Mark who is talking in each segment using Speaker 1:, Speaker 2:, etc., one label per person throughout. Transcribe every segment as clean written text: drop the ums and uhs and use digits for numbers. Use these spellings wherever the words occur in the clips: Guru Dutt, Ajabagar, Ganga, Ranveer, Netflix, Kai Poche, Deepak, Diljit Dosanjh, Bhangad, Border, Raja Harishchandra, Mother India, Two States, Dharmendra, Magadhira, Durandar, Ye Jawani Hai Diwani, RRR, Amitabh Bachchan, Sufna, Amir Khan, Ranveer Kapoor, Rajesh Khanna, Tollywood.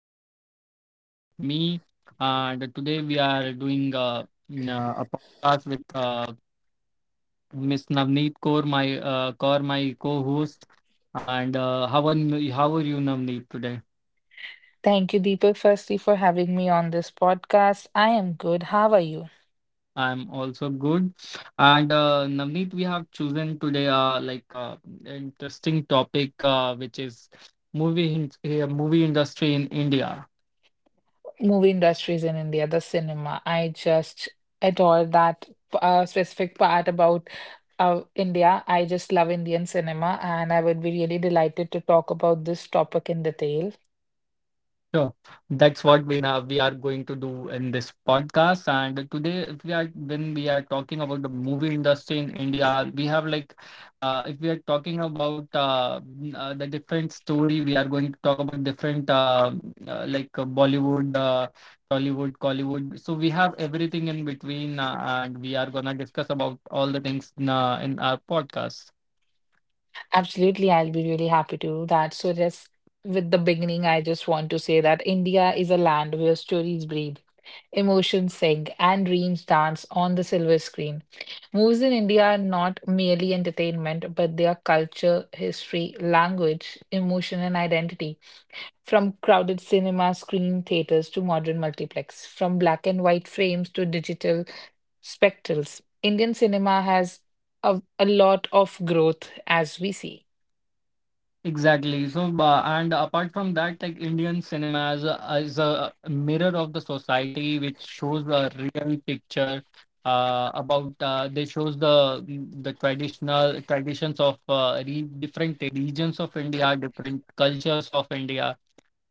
Speaker 1: channel Vibe with me. And today we are doing a podcast with Miss Navneet Kaur, my my co-host. And uh, how are you, Navneet, today?
Speaker 2: Thank you, Deepak, firstly, for having me on this podcast. I am good. How are you?
Speaker 1: I'm also good. And Navneet, we have chosen today interesting topic, which is movie in, movie industry in India.
Speaker 2: Movie industries in India, the cinema. I just adore that specific part about India. I just love Indian cinema, and I would be really delighted to talk about this topic in detail.
Speaker 1: Sure. That's what we are going to do in this podcast. And today, if we are when we are talking about the movie industry in India, we have if we are talking about the different story, we are going to talk about different Bollywood, Tollywood, Collywood. So we have everything in between, and we are gonna discuss about all the things in our podcast.
Speaker 2: Absolutely, I'll be really happy to do that. So, just with the beginning, I just want to say that India is a land where stories breathe, emotions sing, and dreams dance on the silver screen. Movies in India are not merely entertainment, but they are culture, history, language, emotion, and identity. From crowded cinema screen theaters to modern multiplex, from black and white frames to digital spectacles, Indian cinema has a lot of growth as we see.
Speaker 1: Exactly. So, and apart from that, like Indian cinema is a mirror of the society, which shows a real picture about. They shows the traditional traditions of re different regions of India, different cultures of India.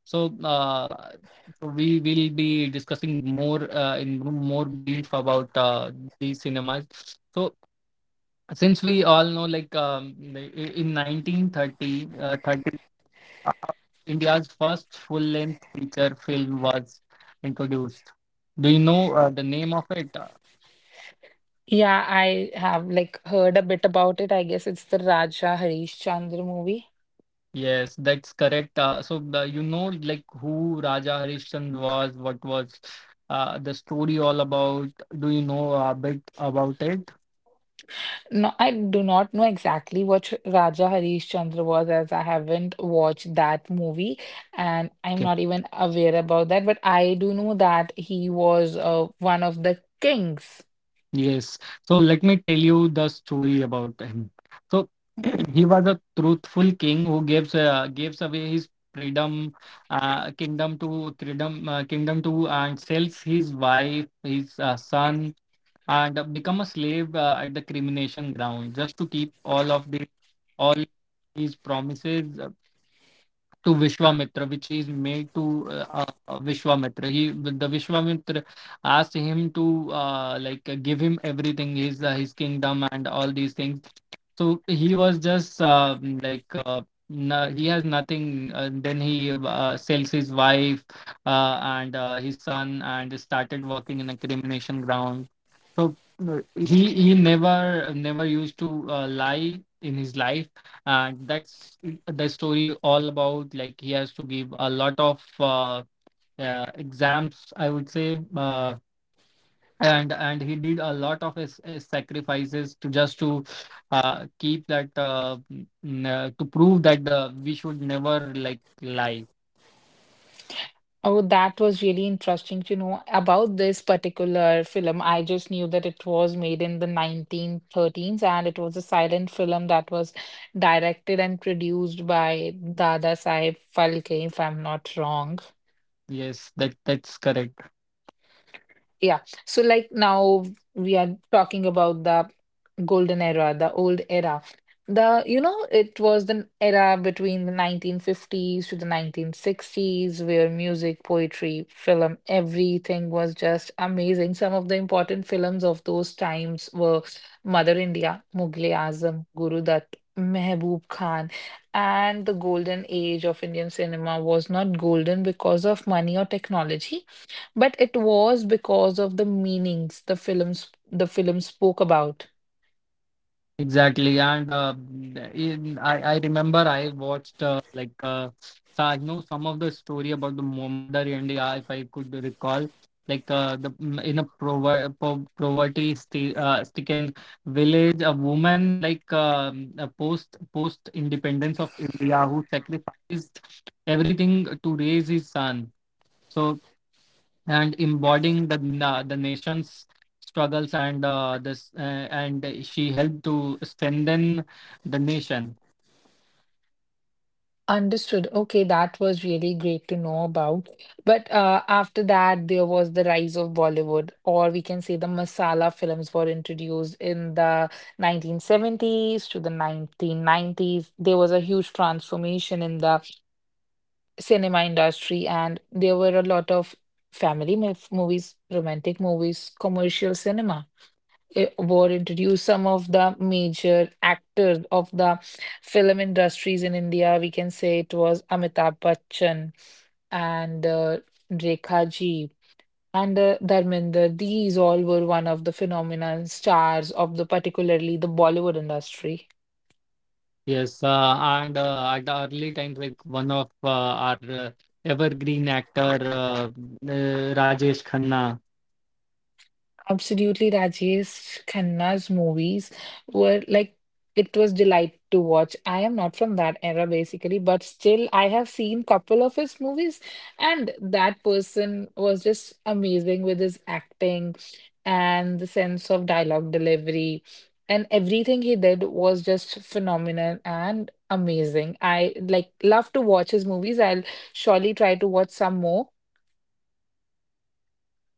Speaker 1: So, uh, so we will be discussing more in more brief about these cinemas. So, since we all know in 1930 India's first full-length feature film was introduced. Do you know the name of it? Uh,
Speaker 2: Yeah, I have like heard a bit about it. I guess it's the Raja Harish Chandra movie.
Speaker 1: yes, that's correct. So you know, like who Raja Harishchandra was, what was the story all about? Do you know a bit about it?
Speaker 2: No, I do not know exactly what Raja Harishchandra was as I haven't watched that movie and I'm
Speaker 1: Okay.
Speaker 2: not even aware about that. But I do know that he was one of the kings.
Speaker 1: Yes. So let me tell you the story about him. So he was a truthful king who gives away his freedom, uh, kingdom, and sells his wife, his son, and become a slave at the crimination ground just to keep all of the all his promises to Vishwamitra, which he made to Vishwamitra. He the Vishwamitra asked him to give him everything, his kingdom and all these things, so he was just no, he has nothing. Then he sells his wife and his son and started working in a crimination ground. So he never used to lie in his life, and that's the story all about. Like he has to give a lot of exams, I would say. Uh, and he did a lot of his sacrifices to just to keep that to prove that we should never like lie.
Speaker 2: Oh, that was really interesting to know about this particular film. I just knew that it was made in the 1913s and it was a silent film that was directed and produced by Dada Saheb Phalke, if I'm not wrong.
Speaker 1: Yes, that that's correct.
Speaker 2: Yeah. So like now we are talking about the golden era, the old era. The, you know, it was the era between the 1950s to the 1960s where music, poetry, film, everything was just amazing. Some of the important films of those times were Mother India, Mughal-e Azam, Guru Dutt, Mehboob Khan. And the golden age of Indian cinema was not golden because of money or technology, but it was because of the meanings the films, the film spoke about.
Speaker 1: Exactly, and I remember I watched so I know some of the story about the Mother India, if I could recall, like in a prover po poverty sti stricken village, a woman like a post independence of India who sacrificed everything to raise his son. So and embodying the the nation's struggles and this and she helped to strengthen the nation.
Speaker 2: Understood. Okay, that was really great to know about. But after that, there was the rise of Bollywood, or we can say the masala films were introduced in the 1970s to the 1990s. There was a huge transformation in the cinema industry, and there were a lot of movies, romantic movies, commercial cinema. Eh, war introduced some of the major actors of the film industries in India. We can say it was Amitabh Bachchan and Rekha Ji and Dharminder. These all were one of the phenomenon stars of the particularly the Bollywood industry.
Speaker 1: Yes, and at the early times, like one of our evergreen actor, Rajesh Khanna.
Speaker 2: Absolutely, Rajesh Khanna's movies were like it was delight to watch. I am not from that era basically, but still I have seen couple of his movies, and that person was just amazing with his acting and the sense of dialogue delivery, and everything he did was just phenomenal and amazing. I like love to watch his movies. I'll surely try to watch some more.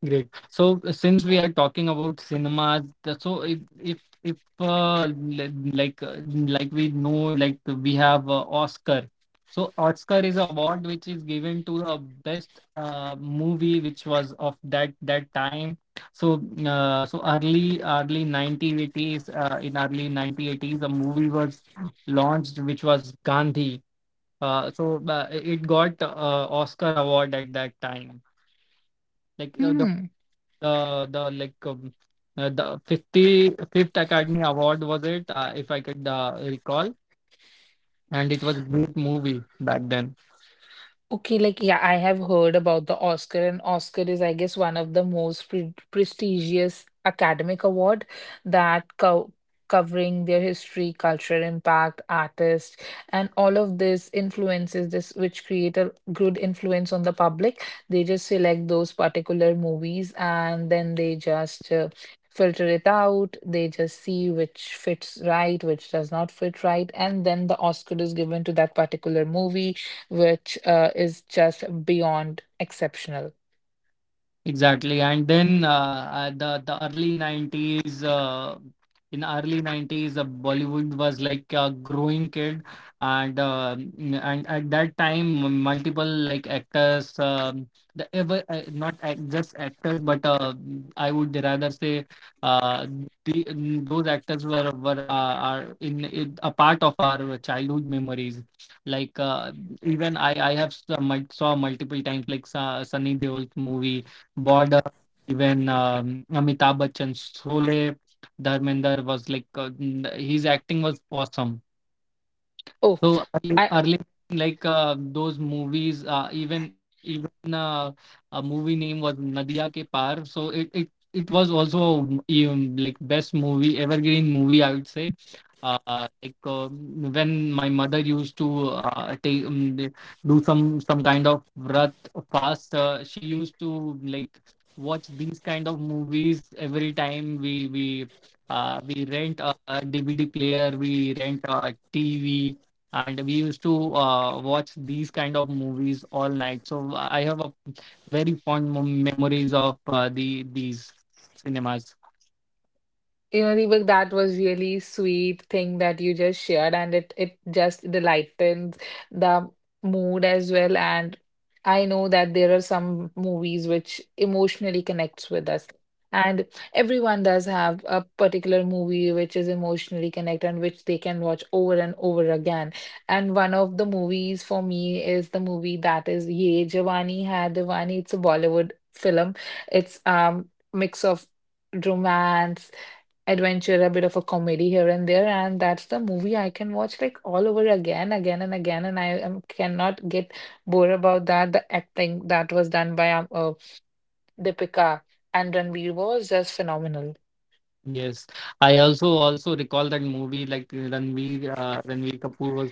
Speaker 1: Great. So since we are talking about cinemas, the- so if li- like we know, like we have Oscar. So Oscar is an award which is given to the best movie which was of that time. So so early early 1980s in early 1980s the movie was launched, which was Gandhi. It got Oscar award at that time, like
Speaker 2: Hmm.
Speaker 1: the the like um, the 55th Academy Award, was it? If I could recall, and it was a great movie back then.
Speaker 2: Okay, like yeah, I have heard about the Oscar, and Oscar is, I guess, one of the most prestigious academic award that co covering their history, cultural impact, artists, and all of this influences this, which create a good influence on the public. They just select those particular movies, and then they just filter it out. They just see which fits right, which does not fit right, and then the Oscar is given to that particular movie which is just beyond exceptional.
Speaker 1: Exactly. And then the early 90s in early 90s Bollywood was like a growing kid, and and at that time multiple like actors, the ever not act, just actors but I would rather say uh, those actors were are in a part of our childhood memories, like even I have saw multiple times like Sunny Deol's movie Border, even Amitabh Bachchan, Sholay, Dharmender was like his acting was awesome.
Speaker 2: Oh,
Speaker 1: So
Speaker 2: I—
Speaker 1: early those movies, even even a movie name was Nadia Ke Paar. It was also like best movie, evergreen movie, I would say. When my mother used to take do some kind of vrat fast, she used to like watch these kind of movies every time we rent a DVD player, we rent a TV, and we used to watch these kind of movies all night. So I have a very fond memories of these cinemas.
Speaker 2: You know, Deepak, that was really sweet thing that you just shared, and it just lightens the mood as well. And I know that there are some movies which emotionally connects with us, and everyone does have a particular movie which is emotionally connected and which they can watch over and over again. And one of the movies for me is the movie that is Ye Jawani Hai Diwani. It's a Bollywood film. It's mix of romance, adventure, a bit of a comedy here and there, and that's the movie I can watch like all over again, again and again, and I am, cannot get bored about that. The acting that was done by Deepika and Ranveer was just phenomenal.
Speaker 1: Yes, I also recall that movie. Like Ranveer Kapoor was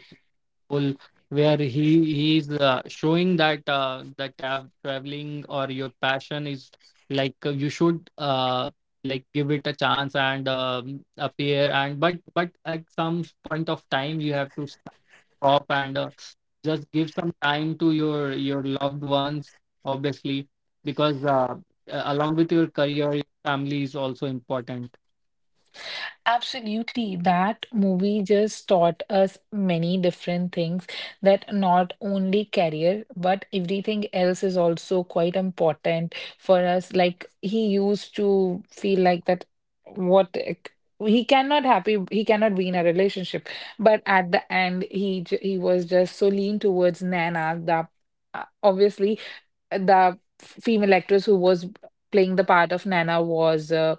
Speaker 1: goal, where he's showing that traveling or your passion is you should give it a chance and appear and but at some point of time you have to stop and just give some time to your loved ones, obviously, because along with your career, your family is also important.
Speaker 2: Absolutely. That movie just taught us many different things that not only career, but everything else is also quite important for us. Like he used to feel like that, what like, he cannot happy, he cannot be in a relationship, but at the end he was just so lean towards Nana that obviously the female actress who was playing the part of Nana was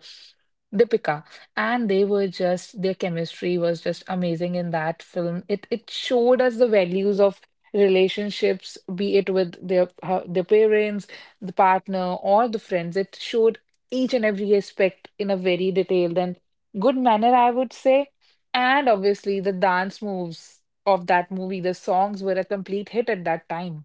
Speaker 2: Deepika, and they were just their chemistry was just amazing in that film. It showed us the values of relationships, be it with their her, their parents, the partner, or the friends. It showed each and every aspect in a very detailed and good manner, I would say. And obviously, the dance moves of that movie, the songs were a complete hit at that time.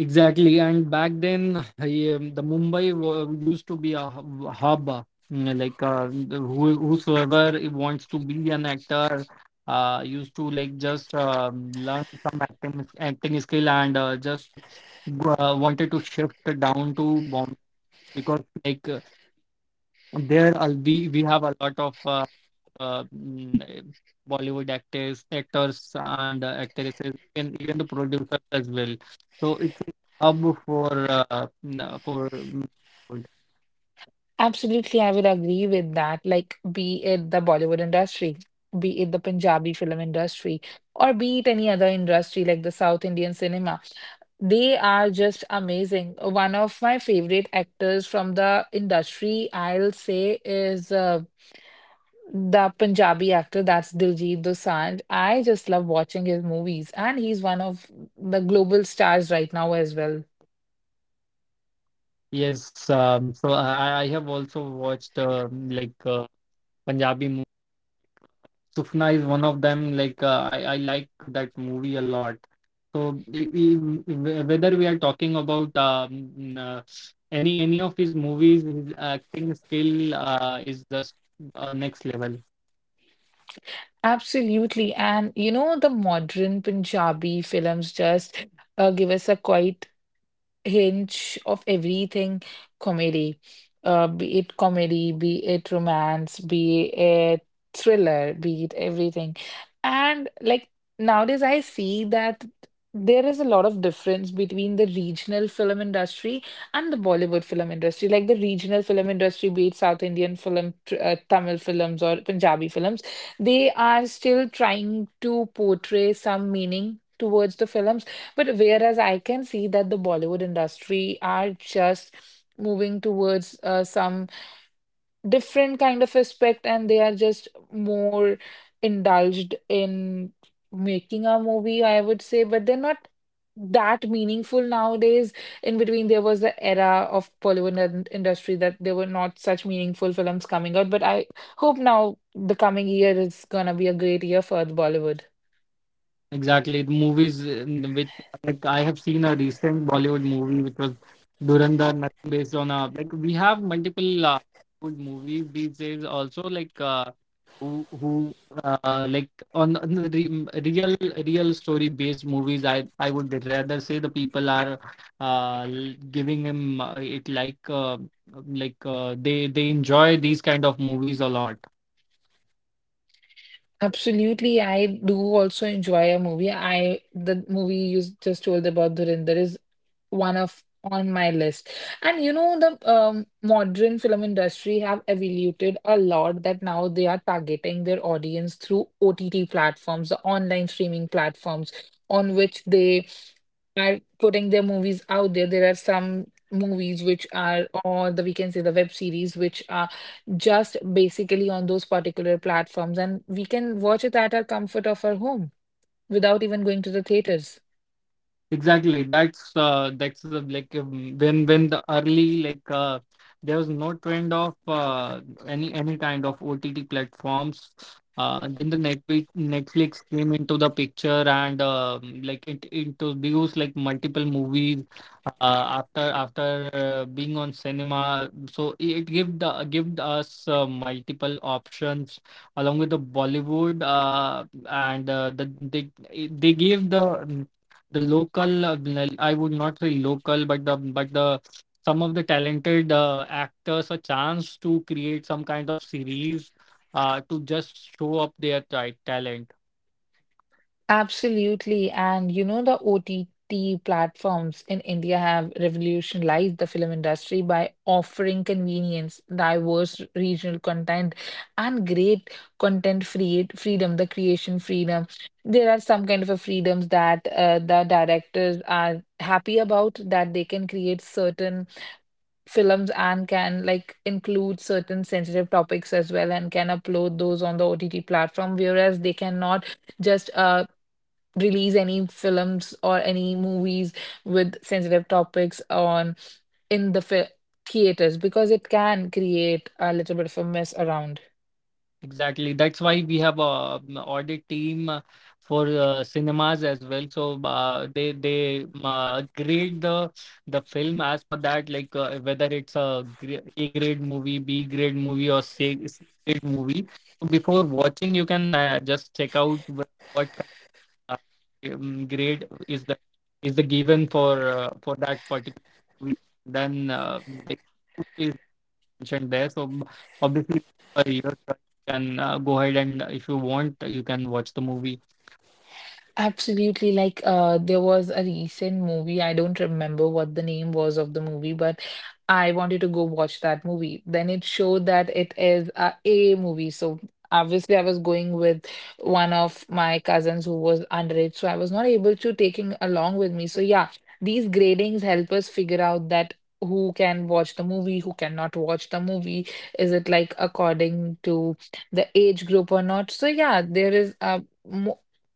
Speaker 1: Exactly, and back then, yeah, the used to be a hub, Like uh, Whosoever wants to be an actor, used to like just learn some acting skill and just wanted to shift down to Bombay, because like there, are- we have a lot of uh, mm, eh, Bollywood actors and actresses, even the producers as well. So it's a hub for Bollywood.
Speaker 2: Absolutely, I would agree with that. Like, be it the Bollywood industry, be it the Punjabi film industry, or be it any other industry like the South Indian cinema, they are just amazing. One of my favorite actors from the industry, I'll say, is the Punjabi actor, that's Diljit Dosanjh. I just love watching his movies, and he's one of the global stars right now as well.
Speaker 1: Yes. I have also watched Punjabi Sufna is one of them. Like I like that movie a lot. So whether we are talking about any of his movies, his acting skill is just next level.
Speaker 2: Absolutely. And you know, the modern Punjabi films just give us a quite hinge of everything comedy, be it comedy, be it romance, be it thriller, be it everything. And like nowadays, I see that there is a lot of difference between the regional film industry and the Bollywood film industry. Like the regional film industry, be it South Indian film, Tamil films, or Punjabi films, they are still trying to portray some meaning towards the films, but whereas I can see that the Bollywood industry are just moving towards some different kind of aspect, and they are just more indulged in making a movie, I would say, but they're not that meaningful nowadays. In between, there was the era of Bollywood industry that there were not such meaningful films coming out, but I hope now the coming year is gonna be a great year for the Bollywood.
Speaker 1: Exactly. The movies in which, like I have seen a recent Bollywood movie, which was Durandar, nothing based on a like we have multiple good movies these days also, like who who on the re real real story based movies, I would rather say the people are giving him it like they enjoy these kind of movies a lot.
Speaker 2: Absolutely, I do also enjoy a movie. I The movie you just told about Dhurandhar is one of on my list. And you know the modern film industry have evoluted a lot that now they are targeting their audience through OTT platforms, the online streaming platforms on which they are putting their movies out there. There are some movies which are, or the we can say the web series, which are just basically on those particular platforms, and we can watch it at our comfort of our home without even going to the theaters.
Speaker 1: Exactly. That's the like When the early, like there was no trend of any kind of OTT platforms. Then the Netflix came into the picture, and it introduced like multiple movies after after being on cinema. So it gave us multiple options along with the Bollywood, and the they gave the local, I would not say local, but the some of the talented actors a chance to create some kind of series to just show up their talent.
Speaker 2: Absolutely. And you know, the OTT platforms in India have revolutionized the film industry by offering convenience, diverse regional content, and great content free freedom, the creation freedom. There are some kind of a freedoms that the directors are happy about that they can create certain films and can like include certain sensitive topics as well and can upload those on the OTT platform, whereas they cannot just release any films or any movies with sensitive topics on in the fi- theaters because it can create a little bit of a mess around.
Speaker 1: Exactly. That's why we have a audit team for cinemas as well. So they grade the film as per that, like whether it's a A grade movie, B grade movie, or C grade movie. So before watching, you can just check out what kind of grade is the given for that particular movie. Then they mentioned there. So obviously, your choice. You can go ahead, and if you want, you can watch the movie.
Speaker 2: Absolutely. Like, there was a recent movie. I don't remember what the name was of the movie, but I wanted to go watch that movie. Then it showed that it is a A movie. So obviously, I was going with one of my cousins who was underage, so I was not able to taking along with me. So yeah, these gradings help us figure out that who can watch the movie, who cannot watch the movie. Is it like according to the age group or not? So yeah, there is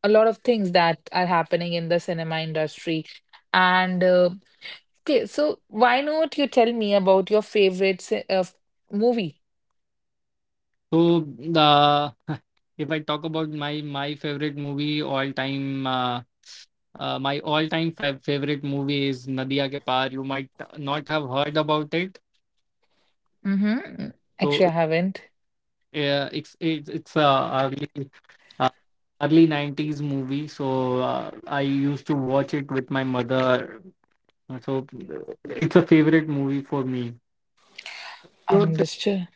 Speaker 2: a lot of things that are happening in the cinema industry. And okay, so why not you tell me about your favorite movie?
Speaker 1: So the if I talk about my favorite movie all time, my all time favorite movie is Nadia Ke Paar. You might not have heard about it.
Speaker 2: Mm-hmm. Actually,
Speaker 1: So
Speaker 2: I haven't.
Speaker 1: it's it's a early uh, early nineties movie. So I used to watch it with my mother. So it's a favorite movie for me. Your
Speaker 2: Understood.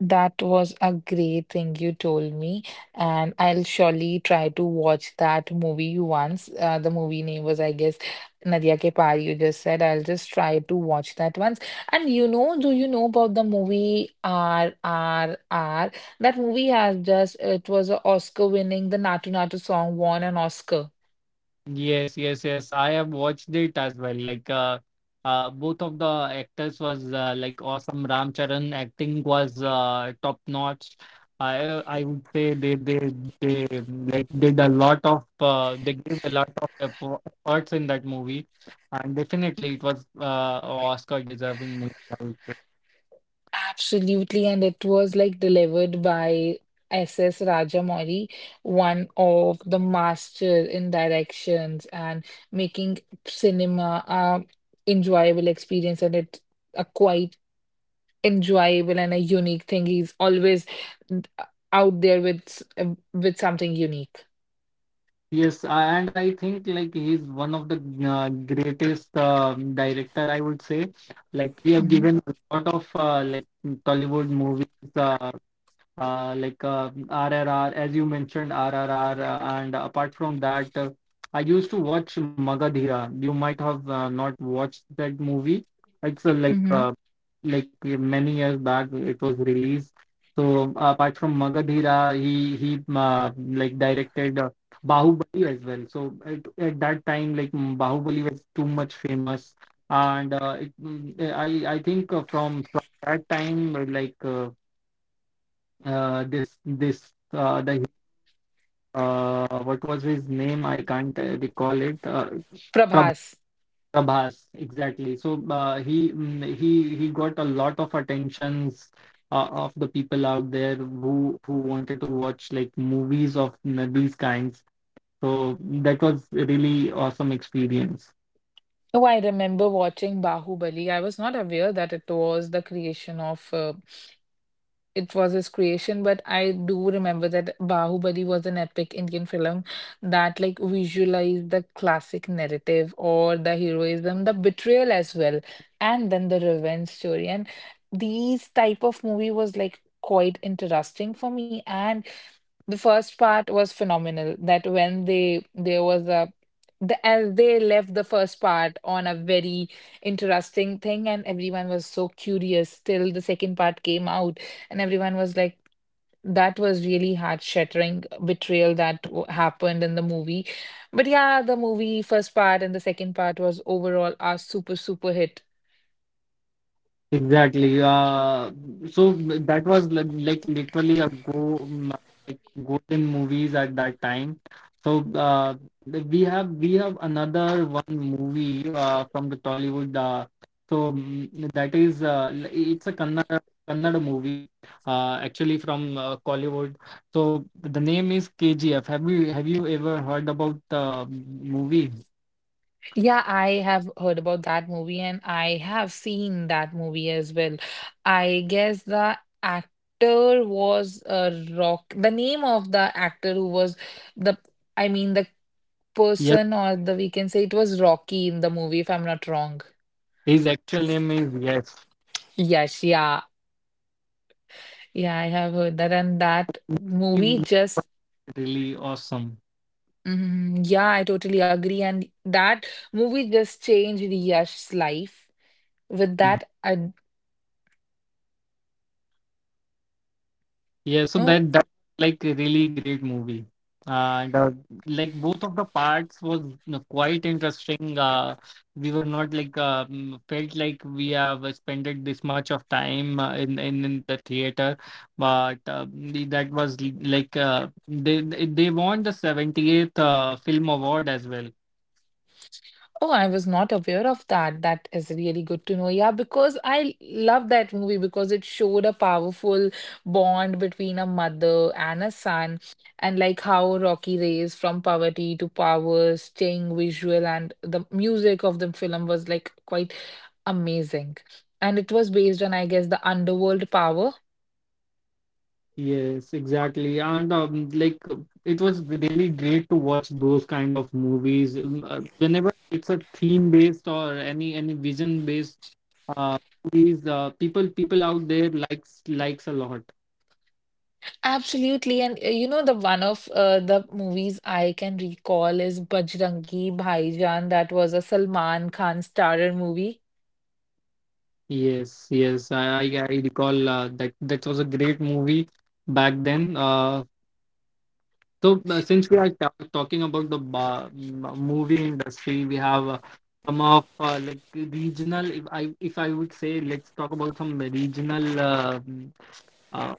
Speaker 2: That was a great thing you told me, and I'll surely try to watch that movie once. The movie name was, I guess, Nadia Ke Paar, you just said. I'll just try to watch that once. And you know, do you know about the movie RRR? That movie has just, it was an Oscar winning, the Natu Natu song won an Oscar.
Speaker 1: yes, yes, yes. I have watched it as well. Like, both of the actors was like awesome. Ram Charan acting was top notch. I I would say they did a lot of they gave a lot of efforts in that movie, and definitely it was Oscar deserving movie.
Speaker 2: Absolutely, and it was like delivered by S.S. Rajamouli, one of the master in directions and making cinema a enjoyable experience, and it's a quite enjoyable and a unique thing. He's always n- out there with with something unique.
Speaker 1: Yes, and I think like he's one of the greatest director, I would say. Like he have
Speaker 2: Hmm.
Speaker 1: given a lot of Tollywood movies. Uh, RRR, as you mentioned, RRR, and apart from that, I used to watch Magadhira. You might have not watched that movie. It's
Speaker 2: Hmm.
Speaker 1: many years back it was released. So apart from Magadhira, he directed Bahubali as well. So at that time, Bahubali was too much famous, and it, mm, I think from that time, like. This this the what was his name? I can't recall it. Prab-
Speaker 2: Prabhas.
Speaker 1: Prabhas, exactly. So he mm, he got a lot of attentions of the people out there who wanted to watch like movies of these kinds. So that was a really awesome experience.
Speaker 2: Oh, I remember watching Bahubali. I was not aware that it was the creation of it was his creation, but I do remember that Bahubali was an epic Indian film that like visualized the classic narrative or the heroism, the betrayal as well, and then the revenge story. And these type of movie was like quite interesting for me. And the first part was phenomenal that when they there was a the, as they left the first part on a very interesting thing, and everyone was so curious till the second part came out, and everyone was like that was really heart-shattering betrayal that happened in the movie. But yeah, the movie first part and the second part was overall a super hit.
Speaker 1: Exactly. So that was like literally a go like golden movies at that time. So we have another one movie from the Tollywood. That is it's a Kannada movie, actually from Collywood. So the name is KGF. Have you ever heard about the movie?
Speaker 2: Yeah, I have heard about that movie and I have seen that movie as well. I guess the actor was a rock. The name of the actor who was the, the
Speaker 1: Yes,
Speaker 2: person or the, we can say it was Rocky in the movie, if I'm not wrong.
Speaker 1: his actual name is Yes.
Speaker 2: Yes, yeah. Yeah, I have heard that. And that
Speaker 1: Really awesome.
Speaker 2: yeah, I totally agree. And that movie just changed Yash's life with
Speaker 1: Hmm.
Speaker 2: that. I,
Speaker 1: Yeah, so
Speaker 2: no.
Speaker 1: that like a really great movie. Uh, and, uh, like both of the parts was, you know, quite interesting. We were not like felt like we have spent this much of time in the theater, but that was they they won the seventieth film award as well.
Speaker 2: Oh, I was not aware of that. That is really good to know. Yeah, because I love that movie because it showed a powerful bond between a mother and a son, and like how Rocky raised from poverty to power, staying visual, and the music of the film was like quite amazing. And it was based on, I guess, the underworld power.
Speaker 1: Yes, exactly. And like it was really great to watch those kind of movies. Whenever it's a theme based or any vision based uh movies, people out there likes a lot.
Speaker 2: Absolutely, and you know, the one of the movies I can recall is Bajrangi Bhaijaan. That was a Salman Khan starrer movie.
Speaker 1: Yes, yes. I recall that that was a great movie back then. So, since we are talking about the movie industry, we have some of like regional. If I would say, let's talk about some regional uh,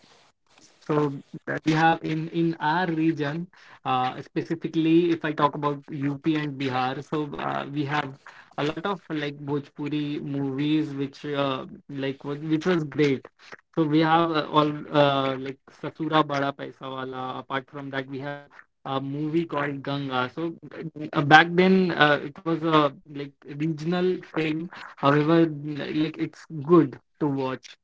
Speaker 1: so that we have in our region, specifically if I talk about UP and Bihar, so we have a lot of like Bhojpuri movies, which which was great. So we have all like Sasura Bada Paisa Wala. Apart from that, we have a movie called Ganga. So back then it was a like regional film. However, like it's good to watch.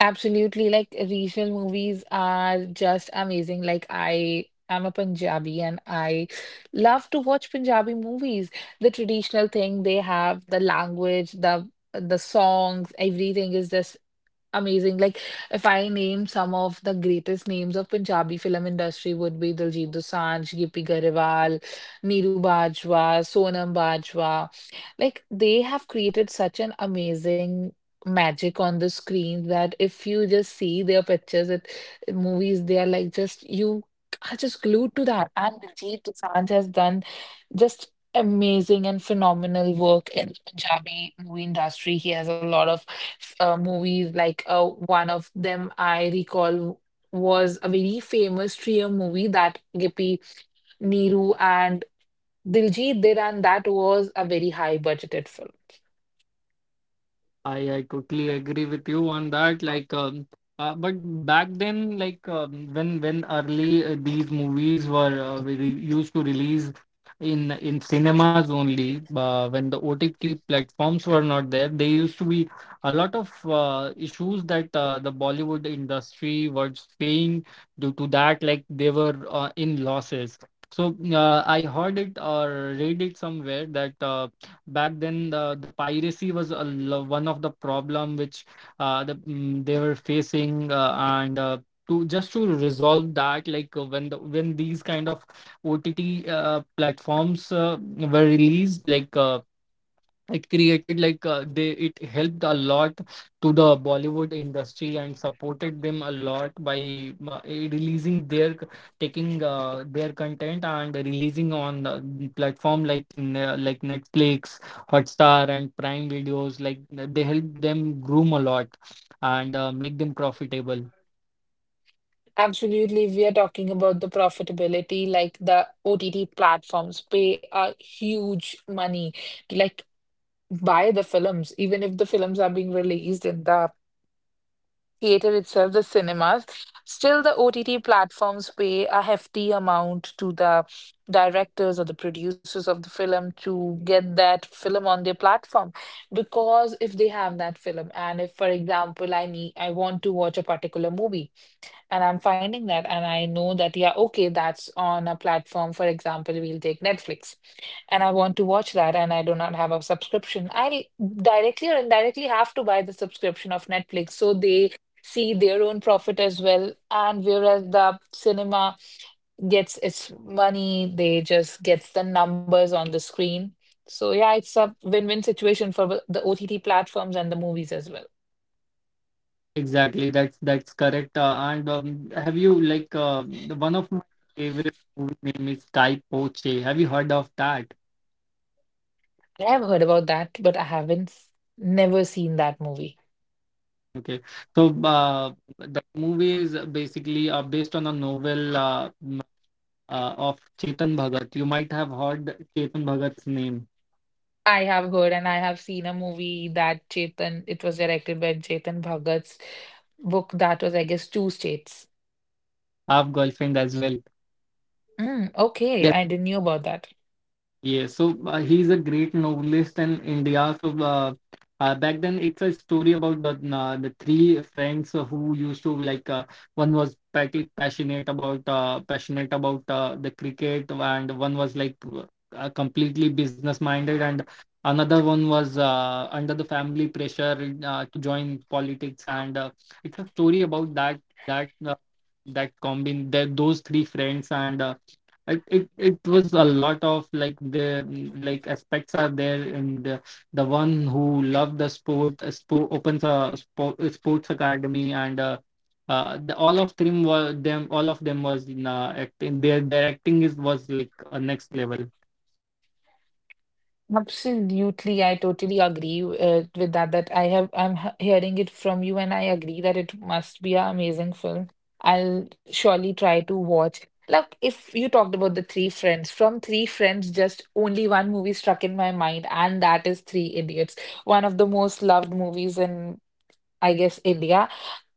Speaker 2: Absolutely, like regional movies are just amazing. Like I am a Punjabi and I love to watch Punjabi movies. The traditional thing they have, the language, the songs, everything is just amazing. Like if I name some of the greatest names of Punjabi film industry would be Diljit Dosanjh, Gippy Garewal, Neeru Bajwa, Sonam Bajwa. Like they have created such an amazing magic on the screen that if you just see their pictures at movies, they are like just you are just glued to that. And Diljit Dosanjh has done just amazing and phenomenal work in the Punjabi movie industry. He has a lot of movies. Like one of them I recall was a very famous trio movie that Gippy, Neeru, and Diljit did, and that was a very high budgeted film.
Speaker 1: I totally agree with you on that. Like, but back then, when early these movies were used to release in cinemas only, when the OTT platforms were not there, there used to be a lot of issues that the Bollywood industry was facing due to that. Like they were in losses. So I heard it or read it somewhere that. Back then the piracy was one of the problem which they were facing and to just to resolve that, like when when these kind of OTT platforms were released, like it created like they it helped a lot to the Bollywood industry and supported them a lot by uh, releasing their taking their content and releasing on platform like like Netflix, Hotstar, and Prime Videos. Like they help them groom a lot and make them profitable.
Speaker 2: Absolutely. We are talking about the profitability, like the OTT platforms pay a huge money to like buy the films, even if the films are being released in the theater itself, the cinemas. Still, the OTT platforms pay a hefty amount to the directors or the producers of the film to get that film on their platform. Because if they have that film, and if, for example, I need, I want to watch a particular movie. And I'm finding that, and I know that, yeah, okay, that's on a platform. For example, we'll take Netflix, and I want to watch that, and I do not have a subscription. I directly or indirectly have to buy the subscription of Netflix. So they see their own profit as well. And whereas the cinema gets its money, they just gets the numbers on the screen. So yeah, it's a win-win situation for the OTT platforms and the movies as well.
Speaker 1: Exactly, that's correct. And Have you like one of my favorite movie name is Kai Poche? Have you heard of that?
Speaker 2: I have heard about that, but I haven't s- never seen that movie.
Speaker 1: Okay, so the movie is basically based on a novel of Chetan Bhagat. You might have heard Chetan Bhagat's name.
Speaker 2: I have heard and I have seen a movie that Chetan, it was directed by Chetan Bhagat's book that was, I guess, Two States.
Speaker 1: I have girlfriend as well.
Speaker 2: Mm, okay,
Speaker 1: Yes,
Speaker 2: I didn't knew about that.
Speaker 1: yeah, so he's a great novelist in India. So back then, it's a story about the three friends who used to like one was passionate about the cricket, and one was like completely business minded, and another one was under the family pressure to join politics. And it's a story about that that that combine that those three friends and. It it was a lot of like the like aspects are there, and the one who loved the sport opens a sports academy, and all of them were them all of them was in acting. Their acting is was like a next level.
Speaker 2: Absolutely, I totally agree with that. That I have, I'm hearing it from you, and I agree that it must be an amazing film. I'll surely try to watch. Look, if you talked about the Three Friends, from Three Friends, just only one movie struck in my mind, and that is Three Idiots, one of the most loved movies in, I guess, India.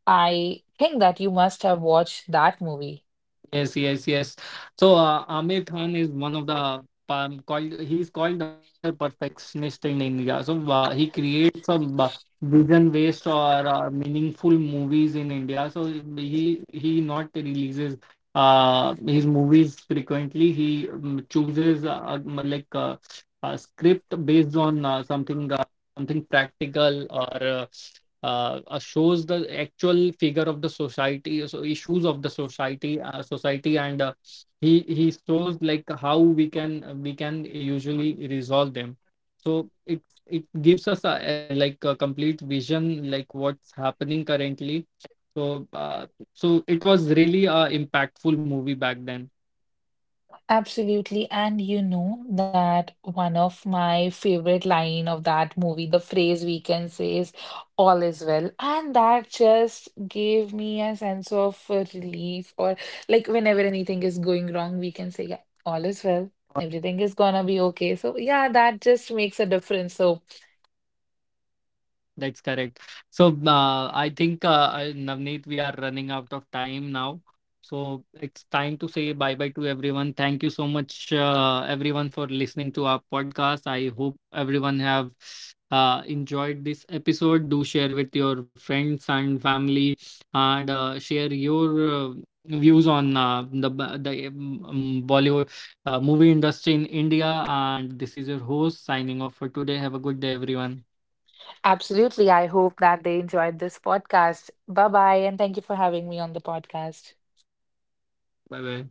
Speaker 2: I think that you must have watched that movie.
Speaker 1: Yes, yes, yes. So Amir Khan is one of the called he's called the Mr. Perfectionist in India. So he creates a vision based or meaningful movies in India. So he not releases his movies frequently. He chooses a script based on something practical or. Shows the actual figure of the society, so issues of the society and he shows like how we can usually resolve them. So it gives us a like a complete vision like what's happening currently. So it was really a impactful movie back then.
Speaker 2: Absolutely. And you know that one of my favorite line of that movie, the phrase we can say is all is well. And that just gave me a sense of relief or like whenever anything is going wrong, we can say, yeah, all is well. Everything is gonna be okay. So yeah, that just makes a difference. So
Speaker 1: That's correct. So I think Navneet, we are running out of time now. So it's time to say bye bye to everyone. Thank you so much, everyone, for listening to our podcast. I hope everyone have enjoyed this episode. Do share with your friends and family, and share your views on the b- the Bollywood movie industry in India. And this is your host signing off for today. Have a good day, everyone.
Speaker 2: absolutely. I hope that they enjoyed this podcast. Bye bye. And thank you for having me on the podcast.
Speaker 1: Bye bye.